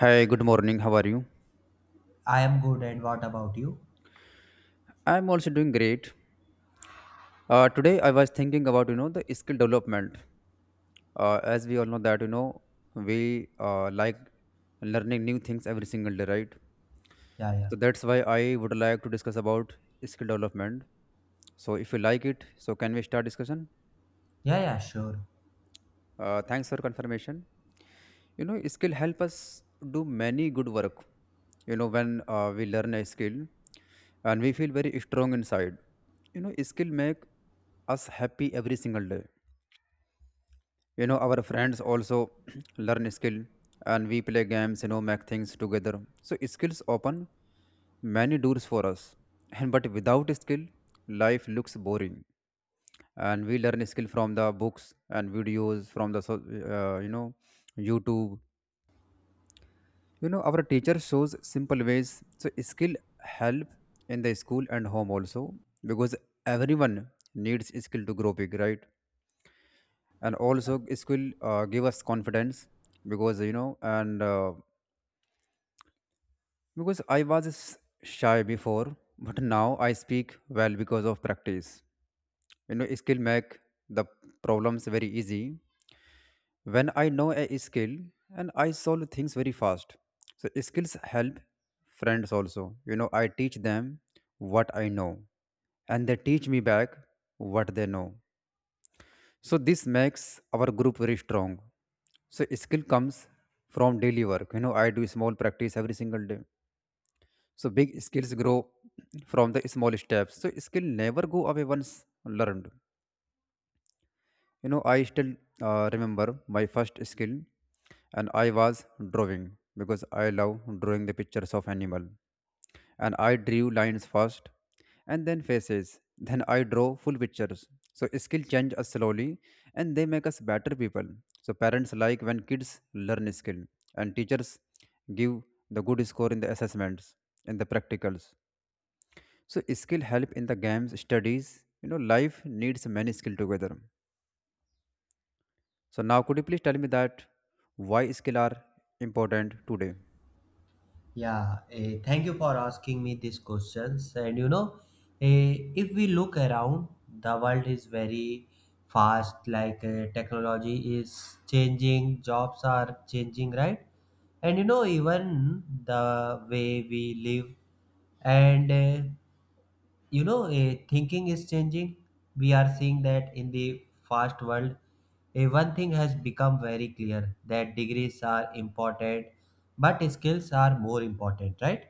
Hi, good morning. How are you? I am good, and what about you? I'm also doing great. Today I was thinking about you know the skill development. As we all know that you know we like learning new things every single day, right? Yeah, yeah, So that's why I would like to discuss about skill development. So if you like it, so can we start discussion? yeah, yeah, sure. Thanks for confirmation. You know skill help us do many good work. You know when we learn a skill, and we feel very strong inside. You know skill make us happy every single day. You know our friends also learn skill, and we play games, you know, make things together. So skills open many doors for us, and but without skill, life looks boring. And we learn skill from the books and videos from the you know YouTube. You know our teacher shows simple ways. So skill help in the school and home also, because everyone needs skill to grow big, right? And also skill give us confidence, because you know and because I was shy before, but now I speak well because of practice. You know skill make the problems very easy when I know a skill, and I solve things very fast. So skills help friends also, you know, I teach them what I know, and they teach me back what they know. So this makes our group very strong. So skill comes from daily work, you know, I do small practice every single day. So big skills grow from the small steps. So skill never go away once learned. You know, I still remember my first skill, and I was drawing, because I love drawing the pictures of animal. And I drew lines first, and then faces. Then I draw full pictures. So skill change us slowly, and they make us better people. So parents like when kids learn skill, and teachers give the good score in the assessments, in the practicals. So skill help in the games, studies. You know, life needs many skill together. So now, could you please tell me that why skill are important today? Yeah, thank you for asking me these questions. And if we look around, the world is very fast, like technology is changing, jobs are changing, right? And you know, even the way we live and thinking is changing. We are seeing that in the fast world one thing has become very clear: that degrees are important but skills are more important, right?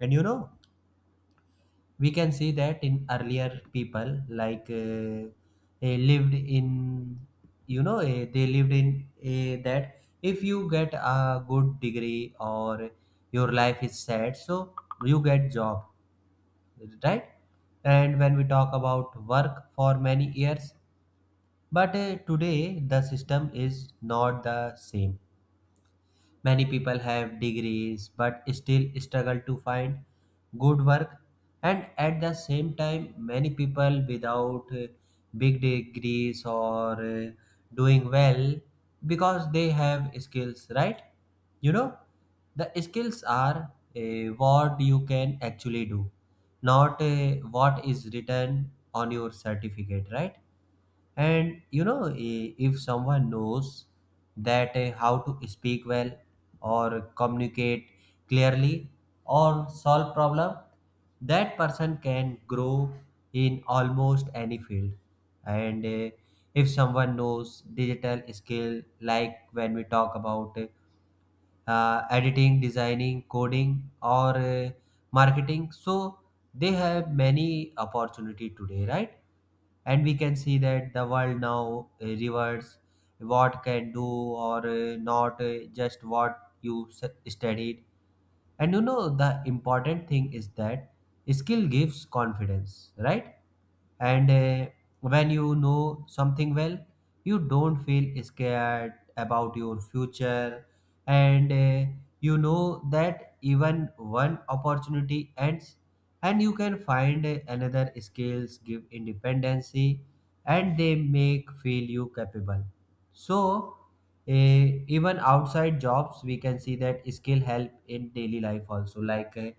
And you know, we can see that in earlier, people lived in, they lived in, that if you get a good degree, or your life is set, so you get job, right? And when we talk about work for many years, but today the system is not the same. Many people have degrees but still struggle to find good work, and at the same time, many people without big degrees or doing well because they have skills, right? You know, the skills are what you can actually do, not what is written on your certificate, right? And you know, if someone knows that how to speak well or communicate clearly or solve problem, that person can grow in almost any field. And if someone knows digital skill, like when we talk about editing, designing, coding, or marketing, so they have many opportunity today, right? And we can see that the world now rewards what can do, or not just what you studied. And you know, the important thing is that skill gives confidence, right? And when you know something well, you don't feel scared about your future. And you know that even one opportunity ends, and you can find another. Skills give independency and they make feel you capable, so even outside jobs, we can see that skill help in daily life also, like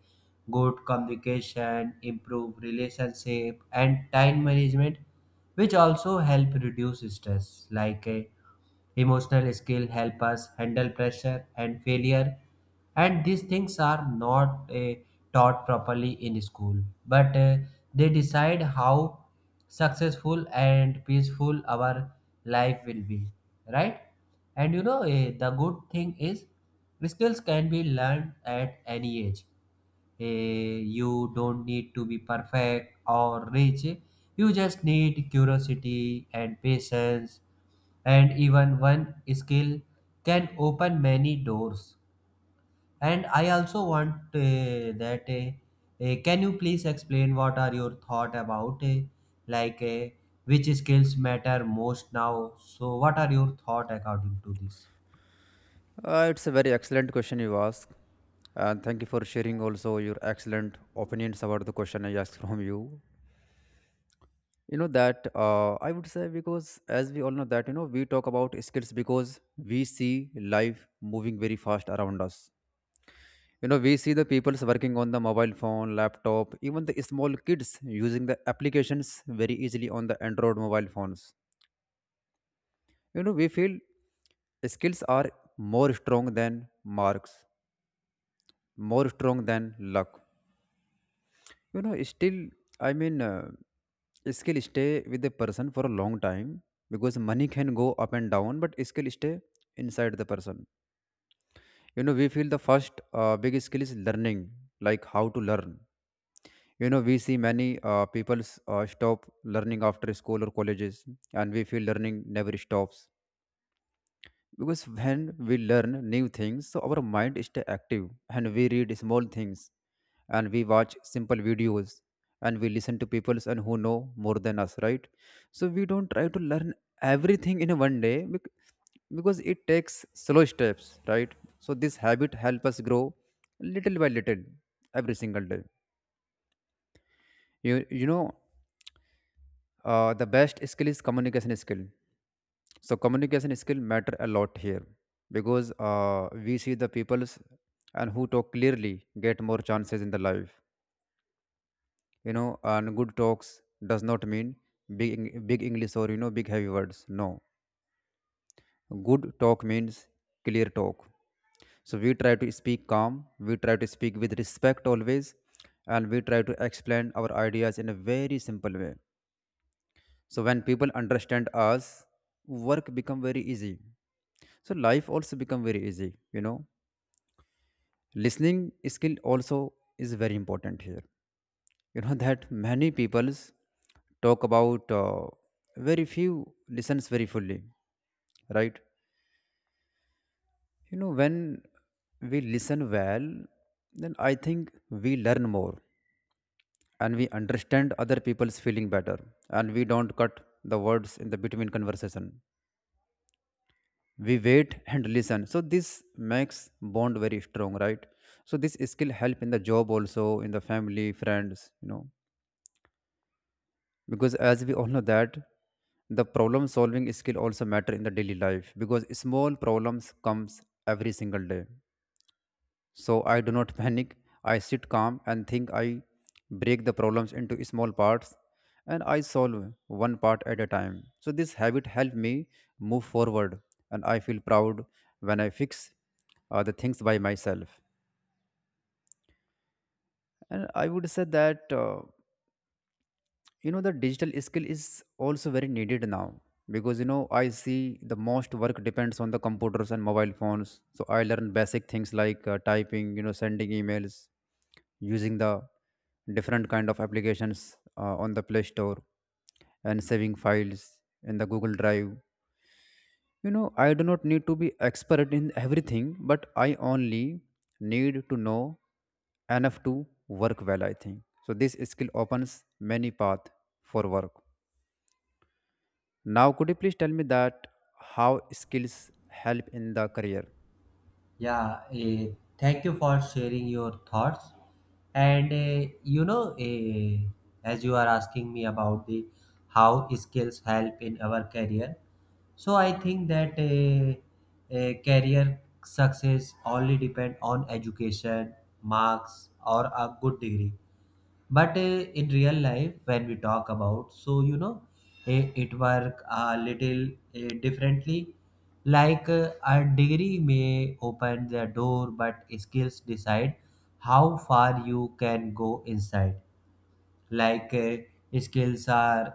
good communication, improve relationship, and time management, which also help reduce stress. Emotional skill help us handle pressure and failure, and these things are not taught properly in school, but they decide how successful and peaceful our life will be, right? And the good thing is skills can be learned at any age. You don't need to be perfect or rich, you just need curiosity and patience, and even one skill can open many doors. And I also want that can you please explain what are your thought about like uh, which skills matter most now? So what are your thought according to this? It's a very excellent question you ask, and thank you for sharing also your excellent opinions about the question I asked from you. You know that I would say because as we all know that you know we talk about skills because we see life moving very fast around us. You know we see the people's working on the mobile phone, laptop, even the small kids using the applications very easily on the Android mobile phones. You know we feel skills are more strong than marks, more strong than luck. You know still i mean uh, skill stay with the person for a long time, because money can go up and down but skill stay inside the person. You know we feel the first big skill is learning, like how to learn. You know we see many people stop learning after school or colleges, and we feel learning never stops, because when we learn new things so our mind stay active. And we read small things, and we watch simple videos, and we listen to people and who know more than us, right? So we don't try to learn everything in a one day because it takes slow steps, right? So this habit help us grow little by little every single day. You know the best skill is communication skill. So communication skill matter a lot here, because we see the peoples and who talk clearly get more chances in the life. You know and good talks does not mean big English or you know big heavy words, no. Good talk means clear talk. So we try to speak calm, we try to speak with respect always, and we try to explain our ideas in a very simple way. So when people understand us, work become very easy. So life also become very easy. You know, listening skill also is very important here. You know that many peoples talk about very few listens very fully, right? You know when we listen well, then I think we learn more, and we understand other people's feeling better, and we don't cut the words in the between conversation. We wait and listen, so this makes bond very strong, right? So this skill help in the job also, in the family friends, you know, because as we all know that the problem solving skill also matter in the daily life, because small problems comes every single day. So I do not panic. I sit calm and think. I break the problems into small parts and I solve one part at a time. So this habit helped me move forward, and I feel proud when I fix the things by myself. And I would say that. You know the digital skill is also very needed now, because you know I see the most work depends on the computers and mobile phones. So I learn basic things like typing, you know, sending emails, using the different kind of applications on the Play Store, and saving files in the Google Drive. You know I do not need to be expert in everything, but I only need to know enough to work well, I think. So this skill opens many path for work. Now, could you please tell me that how skills help in the career? Yeah, thank you for sharing your thoughts. And as you are asking me about the how skills help in our career, so I think that career success only depend on education, marks, or a good degree, but in real life when we talk about, so you know, it work a little differently. A degree may open the door but skills decide how far you can go inside. Skills are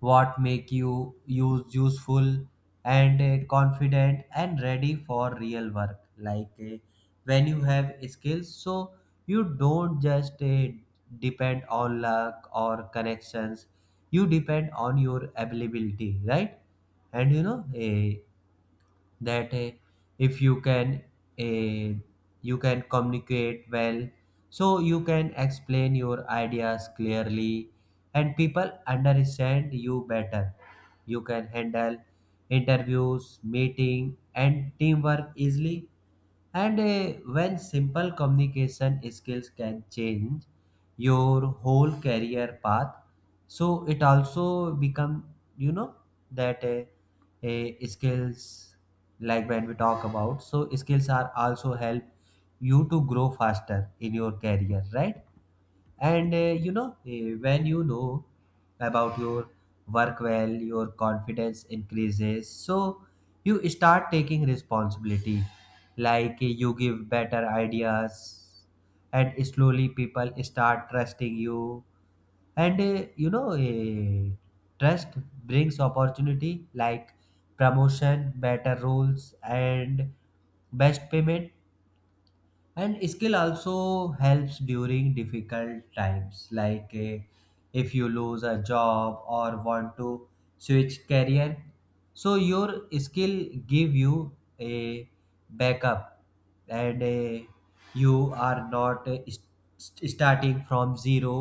what make you use useful and confident and ready for real work. When you have skills, so you don't just depend on luck or connections, you depend on your availability, right? And that eh, if you can eh, you can communicate well, so you can explain your ideas clearly and people understand you better. You can handle interviews, meeting and teamwork easily. And when simple communication skills can change your whole career path, so it also become, you know, that skills, like when we talk about, so skills are also help you to grow faster in your career, right? And when you know about your work well, your confidence increases. So you start taking responsibility, you give better ideas, and slowly people start trusting you. And trust brings opportunity, like promotion, better rules, and best payment. And skill also helps during difficult times, like if you lose a job or want to switch career, so your skill give you a backup, and you are not starting from zero.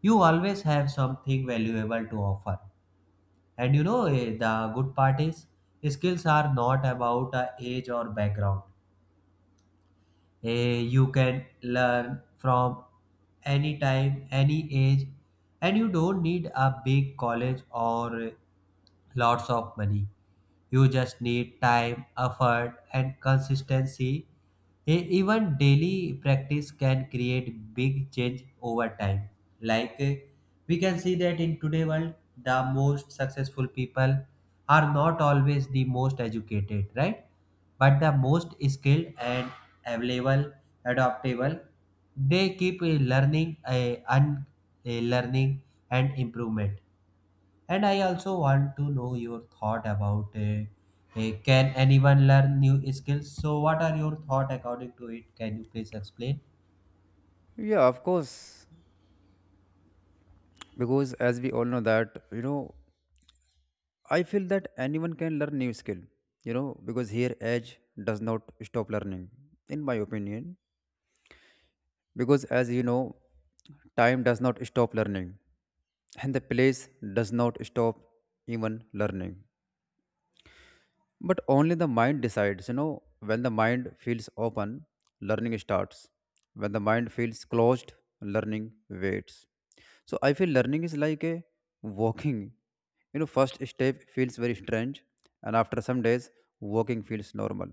You always have something valuable to offer. And the good part is skills are not about age or background. You can learn from any time, any age, and you don't need a big college or lots of money. You just need time, effort, and consistency. Even daily practice can create big change over time. Like eh, we can see that in today world, the most successful people are not always the most educated, right? But the most skilled and available, adaptable. They keep learning, learning and improvement. And I also want to know your thought about can anyone learn new skills? So, what are your thought according to it? Can you please explain? Yeah, of course, because as we all know that, you know, I feel that anyone can learn new skill, you know, because here age does not stop learning, in my opinion, because as you know, time does not stop learning, and the place does not stop even learning. But only the mind decides. You know, when the mind feels open, learning starts. When the mind feels closed, learning waits. So I feel learning is like a walking. You know, first step feels very strange, and after some days, walking feels normal.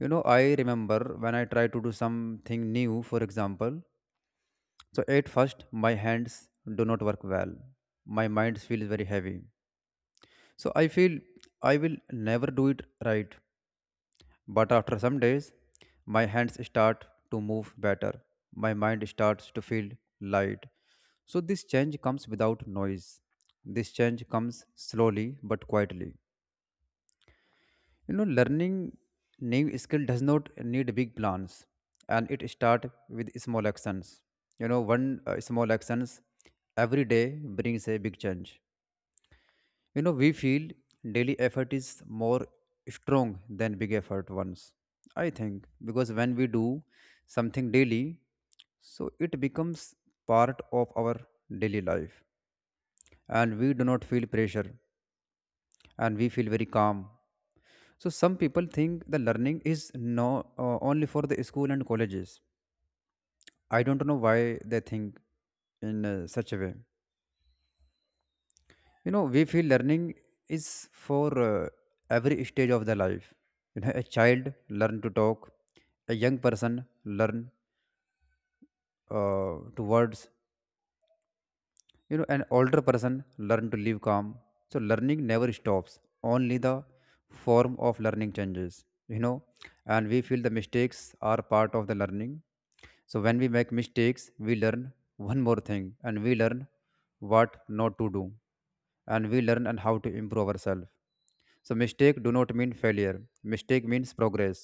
You know, I remember when I try to do something new, for example. So at first, my hands do not work well. My mind feels very heavy. So I feel I will never do it right. But after some days, my hands start to move better. My mind starts to feel light. So this change comes without noise. This change comes slowly but quietly. You know, learning new skill does not need big plans, and it start with small actions. You know, one small actions every day brings a big change. You know, we feel daily effort is more strong than big effort ones. I think because when we do something daily, so it becomes part of our daily life, and we do not feel pressure, and we feel very calm. So some people think the learning is no only for the school and colleges. I don't know why they think in such a way. You know we feel learning is for every stage of the life. You know a child learn to talk, a young person learn to words, you know an older person learn to live calm. So learning never stops, only the form of learning changes. You know, and we feel the mistakes are part of the learning. So when we make mistakes we learn one more thing, and we learn what not to do, and we learn and how to improve ourselves. So mistake do not mean failure. Mistake means progress.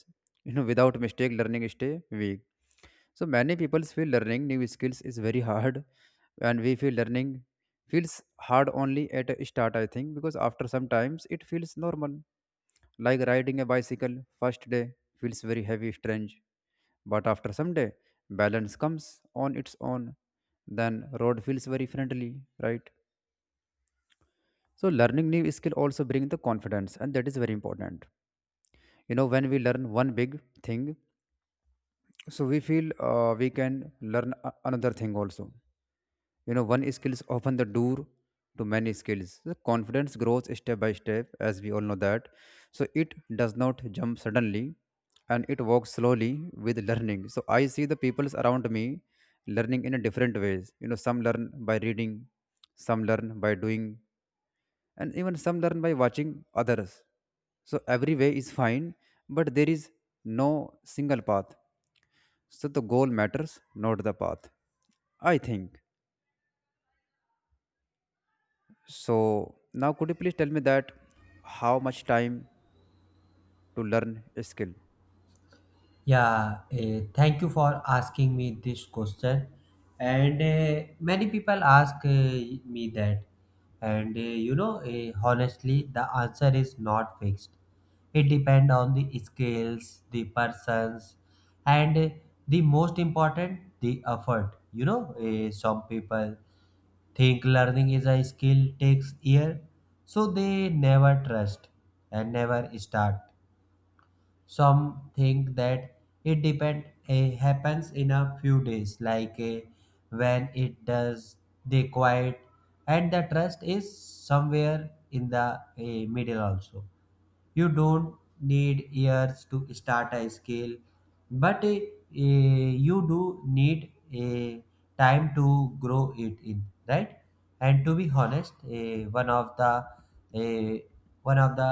You know, without mistake, learning stay weak. So many people feel learning new skills is very hard, and we feel learning feels hard only at a start. I think because after some times it feels normal, like riding a bicycle. First day feels very heavy, strange, but after some day balance comes on its own. Then road feels very friendly, right? So learning new skill also bring the confidence, and that is very important. You know, when we learn one big thing, so we feel we can learn another thing also. You know, one skill is often the door to many skills. The confidence grows step by step, as we all know that. So it does not jump suddenly, and it walks slowly with learning. So I see the peoples around me learning in a different ways. You know, some learn by reading, some learn by doing, and even some learn by watching others. So every way is fine, but there is no single path. So the goal matters, not the path, I think. So now, could you please tell me that how much time to learn a skill? Yeah, thank you for asking me this question. And many people ask me that. And honestly, the answer is not fixed. It depends on the skills, the persons, and the most important, the effort. You know, some people think learning is a skill takes year, so they never trust and never start. Some think that it depend happens in a few days, like when it does they quiet, and the trust is somewhere in the middle also. You don't need years to start a skill, but you do need a time to grow it in, right? And to be honest, eh, one of the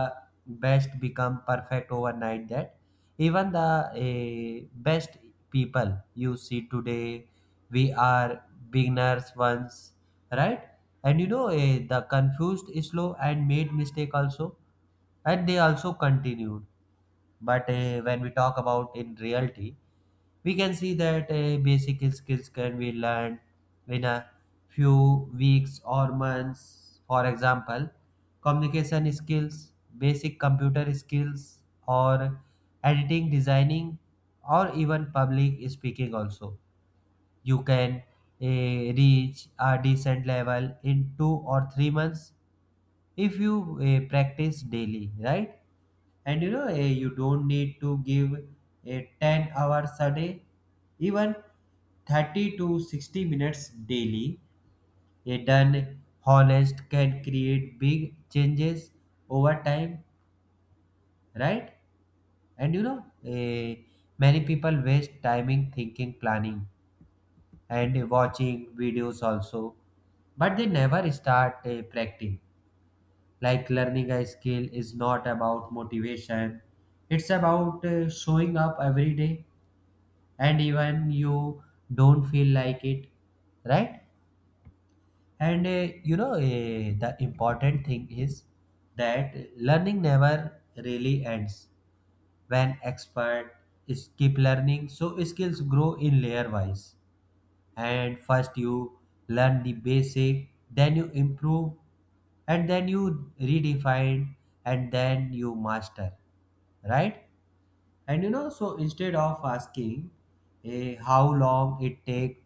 best become perfect overnight, that even the best people you see today, we are beginners once, right? And the confused slow and made mistake also, and they also continued. But when we talk about in reality, we can see that basic skills can be learned in a few weeks or months. For example, communication skills, basic computer skills, or editing, designing, or even public speaking also, you can reach a decent level in 2 or 3 months if you practice daily, right? And you don't need to give a 10 hours a day, even 30 to 60 minutes daily a done honest can create big changes over time, right? And many people waste timing thinking planning and watching videos also, but they never start practicing. Like, learning a skill is not about motivation, it's about showing up every day, and even you don't feel like it, right? And the important thing is that learning never really ends. When expert is keep learning, so skills grow in layer wise, and first you learn the basic, then you improve, and then you redefine, and then you master, right? And you know, so instead of asking how long it take,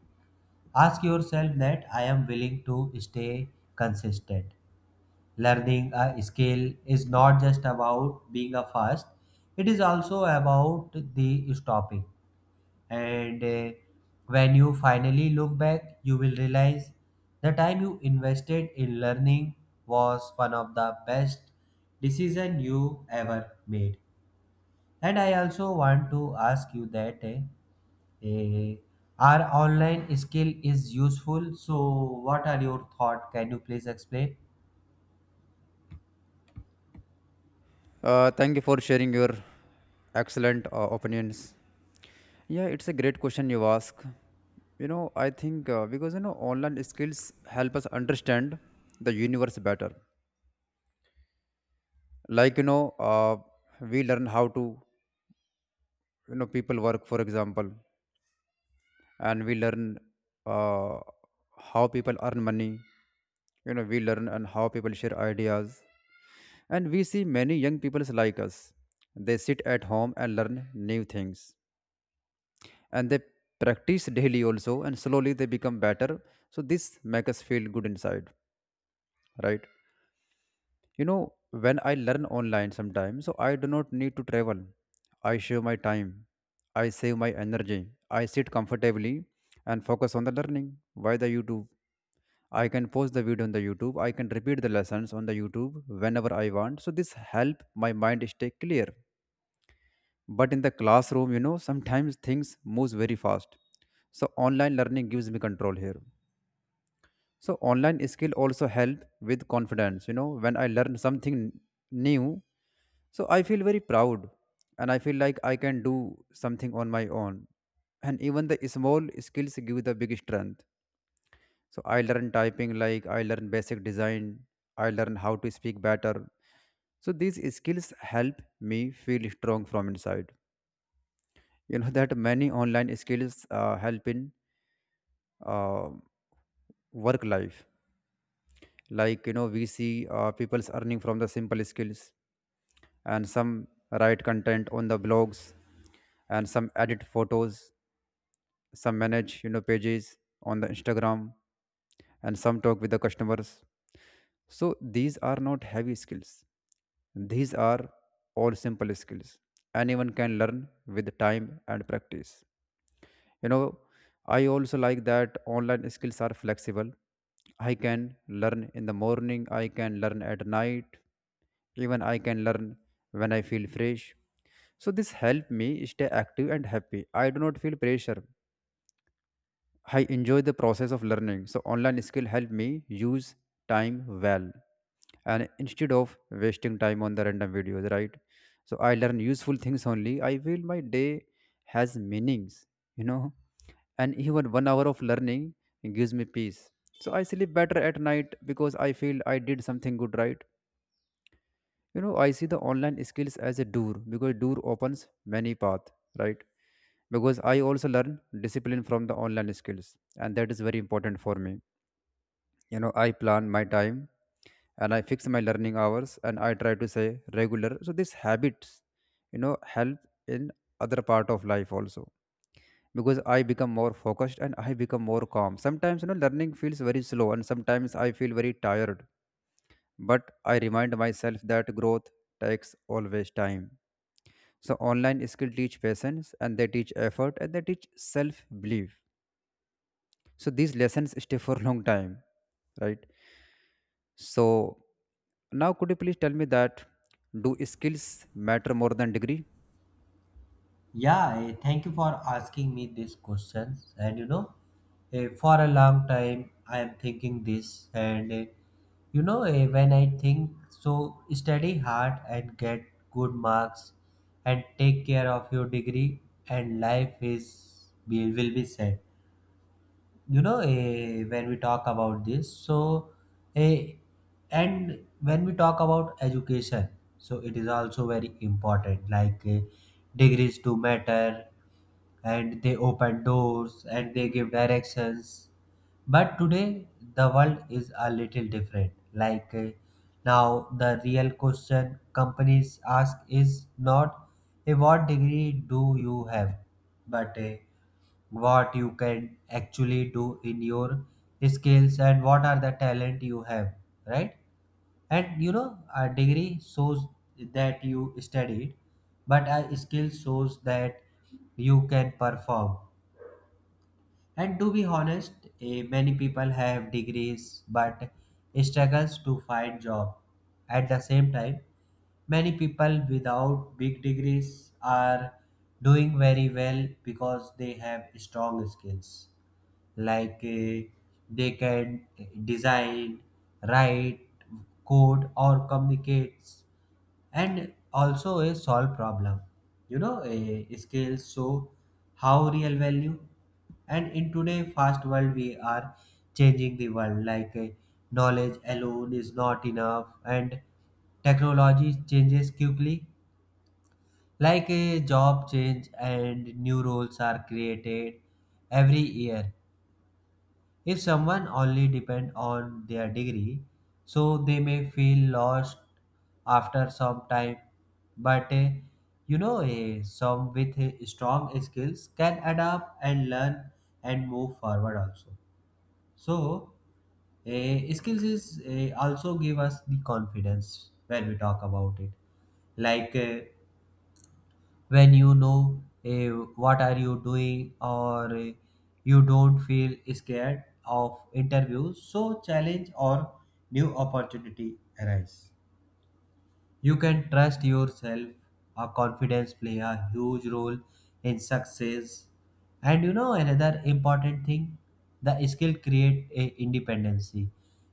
ask yourself that I am willing to stay consistent. Learning a skill is not just about being a fast, it is also about the stopping. And when you finally look back, you will realize the time you invested in learning was one of the best decision you ever made. And I also want to ask you that eh, our online skill is useful. So, what are your thought? Can you please explain? Thank you for sharing your excellent opinions. Yeah, it's a great question you ask. You know, I think because, you know, online skills help us understand the universe better. Like, you know, uh, we learn how to, you know, people work for example. And we learn, uh, how people earn money. You know, we learn and how people share ideas. And we see many young people like us, they sit at home and learn new things, and they practice daily also, and slowly they become better. So this makes us feel good inside, right? You know, when I learn online sometimes, so I do not need to travel. I save my time. I save my energy. I sit comfortably and focus on the learning via the YouTube. I can post the video on the YouTube. I can repeat the lessons on the YouTube whenever I want. So this help my mind stay clear. But in the classroom, you know, sometimes things moves very fast. So online learning gives me control here. So online skill also help with confidence. You know, when I learn something new, so I feel very proud and I feel like I can do something on my own. And even the small skills give the big strength. So I learn typing, like I learn basic design, I learn how to speak better. So these skills help me feel strong from inside. You know that many online skills help in, uh, work life. Like, you know, we see, people's earning from the simple skills. And some write content on the blogs, and some edit photos, some manage, you know, pages on the Instagram, and some talk with the customers. So these are not heavy skills, these are all simple skills. Anyone can learn with time and practice. You know, I also like that online skills are flexible. I can learn in the morning, I can learn at night, even I can learn when I feel fresh. So this help me stay active and happy. I do not feel pressure. I enjoy the process of learning. So online skill help me use time well, and instead of wasting time on the random videos, right? So I learn useful things only. I feel my day has meanings, you know. And even one hour of learning gives me peace. So I sleep better at night because I feel I did something good, right? You know, I see the online skills as a door, because door opens many paths, right? Because I also learn discipline from the online skills, and that is very important for me. You know, I plan my time and I fix my learning hours and I try to say regular. So these habits, you know, help in other part of life also, because I become more focused and I become more calm. Sometimes, you know, learning feels very slow and sometimes I feel very tired, but I remind myself that growth takes always time. So online skill teach patience, and they teach effort, and they teach self belief. So these lessons stay for long time, right? So now, could you please tell me that do skills matter more than degree? Yeah, thank you for asking me these questions. And for a long time I am thinking this, and when I think so, study hard and get good marks, and take care of your degree, and life is will be set. You know, when we talk about this, so eh, and when we talk about education, so it is also very important. Degrees do matter and they open doors and they give directions. But today, the world is a little different. Now, the real question companies ask is not "Hey, what degree do you have, but what you can actually do in your skills and what are the talent you have, right? And you know, a degree shows that you studied but a skill shows that you can perform. And to be honest, many people have degrees but struggles to find job. At the same time, many people without big degrees are doing very well because they have strong skills. like uh, they can design, write, code or communicate and also a solve problem. You know, a scale show how real value, and in today fast world we are changing the world. Knowledge alone is not enough, and technology changes quickly, like a job change and new roles are created every year. If someone only depend on their degree, so they may feel lost after some time. But some with strong skills can adapt and learn and move forward also. So, skills is also give us the confidence when we talk about it, like when you know what are you doing, or you don't feel scared of interviews, so challenge or new opportunity arise, you can trust yourself. Our confidence play a huge role in success. And you know another important thing, the skill create a independency.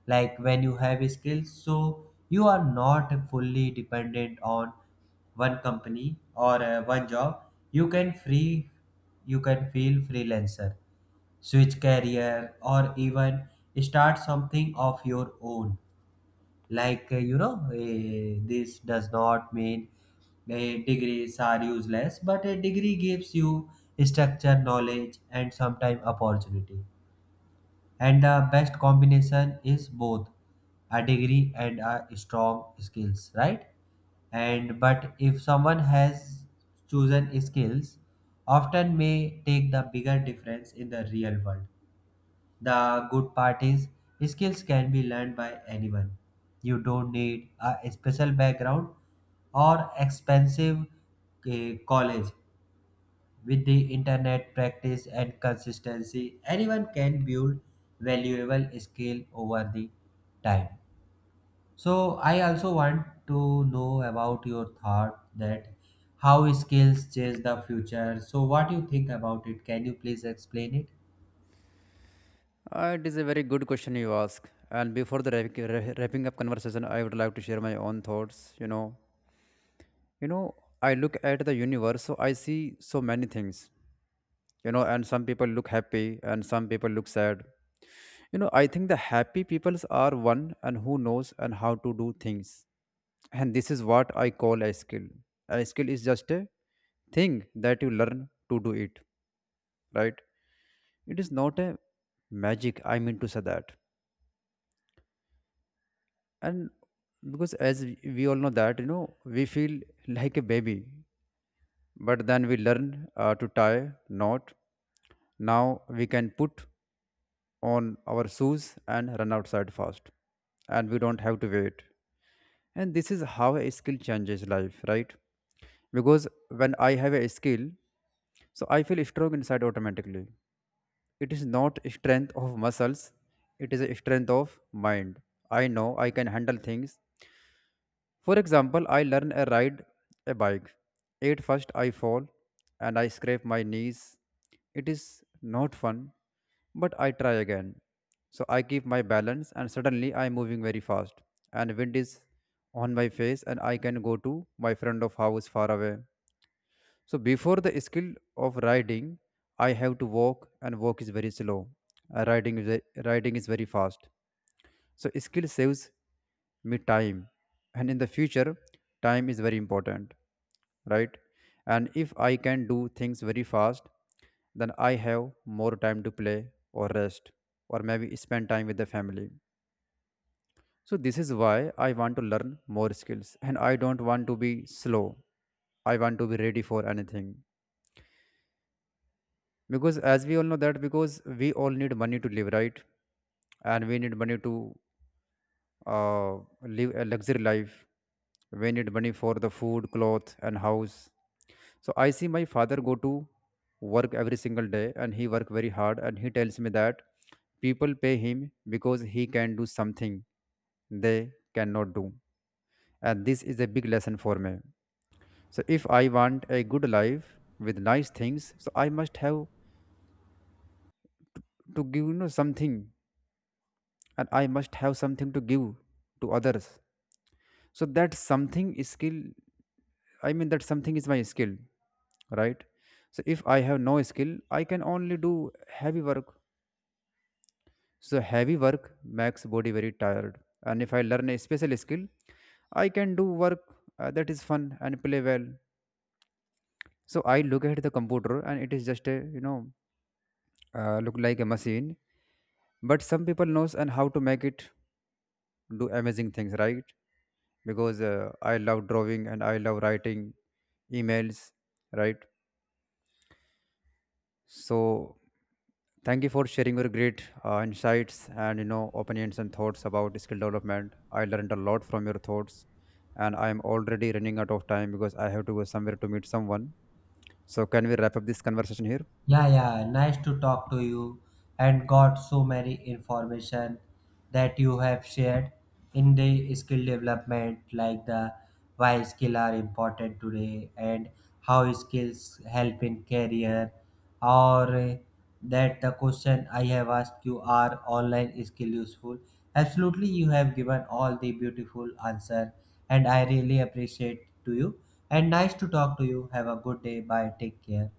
Like when you have skills, so you are not fully dependent on one company or one job. You can free, you can feel freelancer, switch career or even start something of your own. This does not mean degrees are useless, but a degree gives you structure knowledge and sometimes opportunity. And the best combination is both a degree and a strong skills, right? And but if someone has chosen skills, often may take the bigger difference in the real world. The good part is, skills can be learned by anyone. You don't need a special background or expensive college. With the internet, practice and consistency, anyone can build valuable skill over the time. So I also want to know about your thought that how skills change the future. So what do you think about it? Can you please explain it? It is a very good question you ask. And before the wrapping up conversation, I would like to share my own thoughts. You know, I look at the universe, so I see so many things. You know, and some people look happy and some people look sad. You know, I think the happy peoples are one and who knows and how to do things. And this is what I call a skill. A skill is just a thing that you learn to do it, right? It is not a magic, I mean to say that. And because, as we all know that, you know, we feel like a baby, but then we learn to tie knot. Now we can put on our shoes and run outside fast, and we don't have to wait. And this is how a skill changes life, right? Because when I have a skill, so I feel strong inside automatically. It is not strength of muscles, it is a strength of mind. I know I can handle things. For example, I learn a ride a bike. At first I fall and I scrape my knees. It is not fun, but I try again. So I keep my balance and suddenly I am moving very fast, and wind is on my face and I can go to my friend of house far away. So before the skill of riding, I have to walk and walk is very slow. Riding is riding is very fast. So skill saves me time, and in the future, time is very important, right? And if I can do things very fast, then I have more time to play or rest, or maybe spend time with the family. So this is why I want to learn more skills, and I don't want to be slow. I want to be ready for anything, because as we all know that, because we all need money to live, right? And we need money to, live a luxury life. We need money for the food, cloth, and house. So I see my father go to work every single day, and he work very hard. And he tells me that people pay him because he can do something they cannot do, and this is a big lesson for me. So if I want a good life with nice things, so I must have to give, you know, something, and I must have something to give to others. So that something skill, I mean that something is my skill, right? So if I have no skill, I can only do heavy work. So heavy work makes body very tired. And if I learn a special skill, I can do work that is fun and play well. So I look at the computer and it is just a, you know, look like a machine. But some people knows and how to make it do amazing things, right? Because, I love drawing and I love writing emails, right? So, thank you for sharing your great insights and, you know, opinions and thoughts about skill development. I learned a lot from your thoughts, and I am already running out of time because I have to go somewhere to meet someone. So, can we wrap up this conversation here? Yeah, yeah, nice to talk to you, and got so many information that you have shared in the skill development, like the why skill are important today and how skills help in career, or that the question I have asked, you are online skill useful. Absolutely, you have given all the beautiful answer, and I really appreciate to you, and nice to talk to you. Have a good day. Bye. Take care.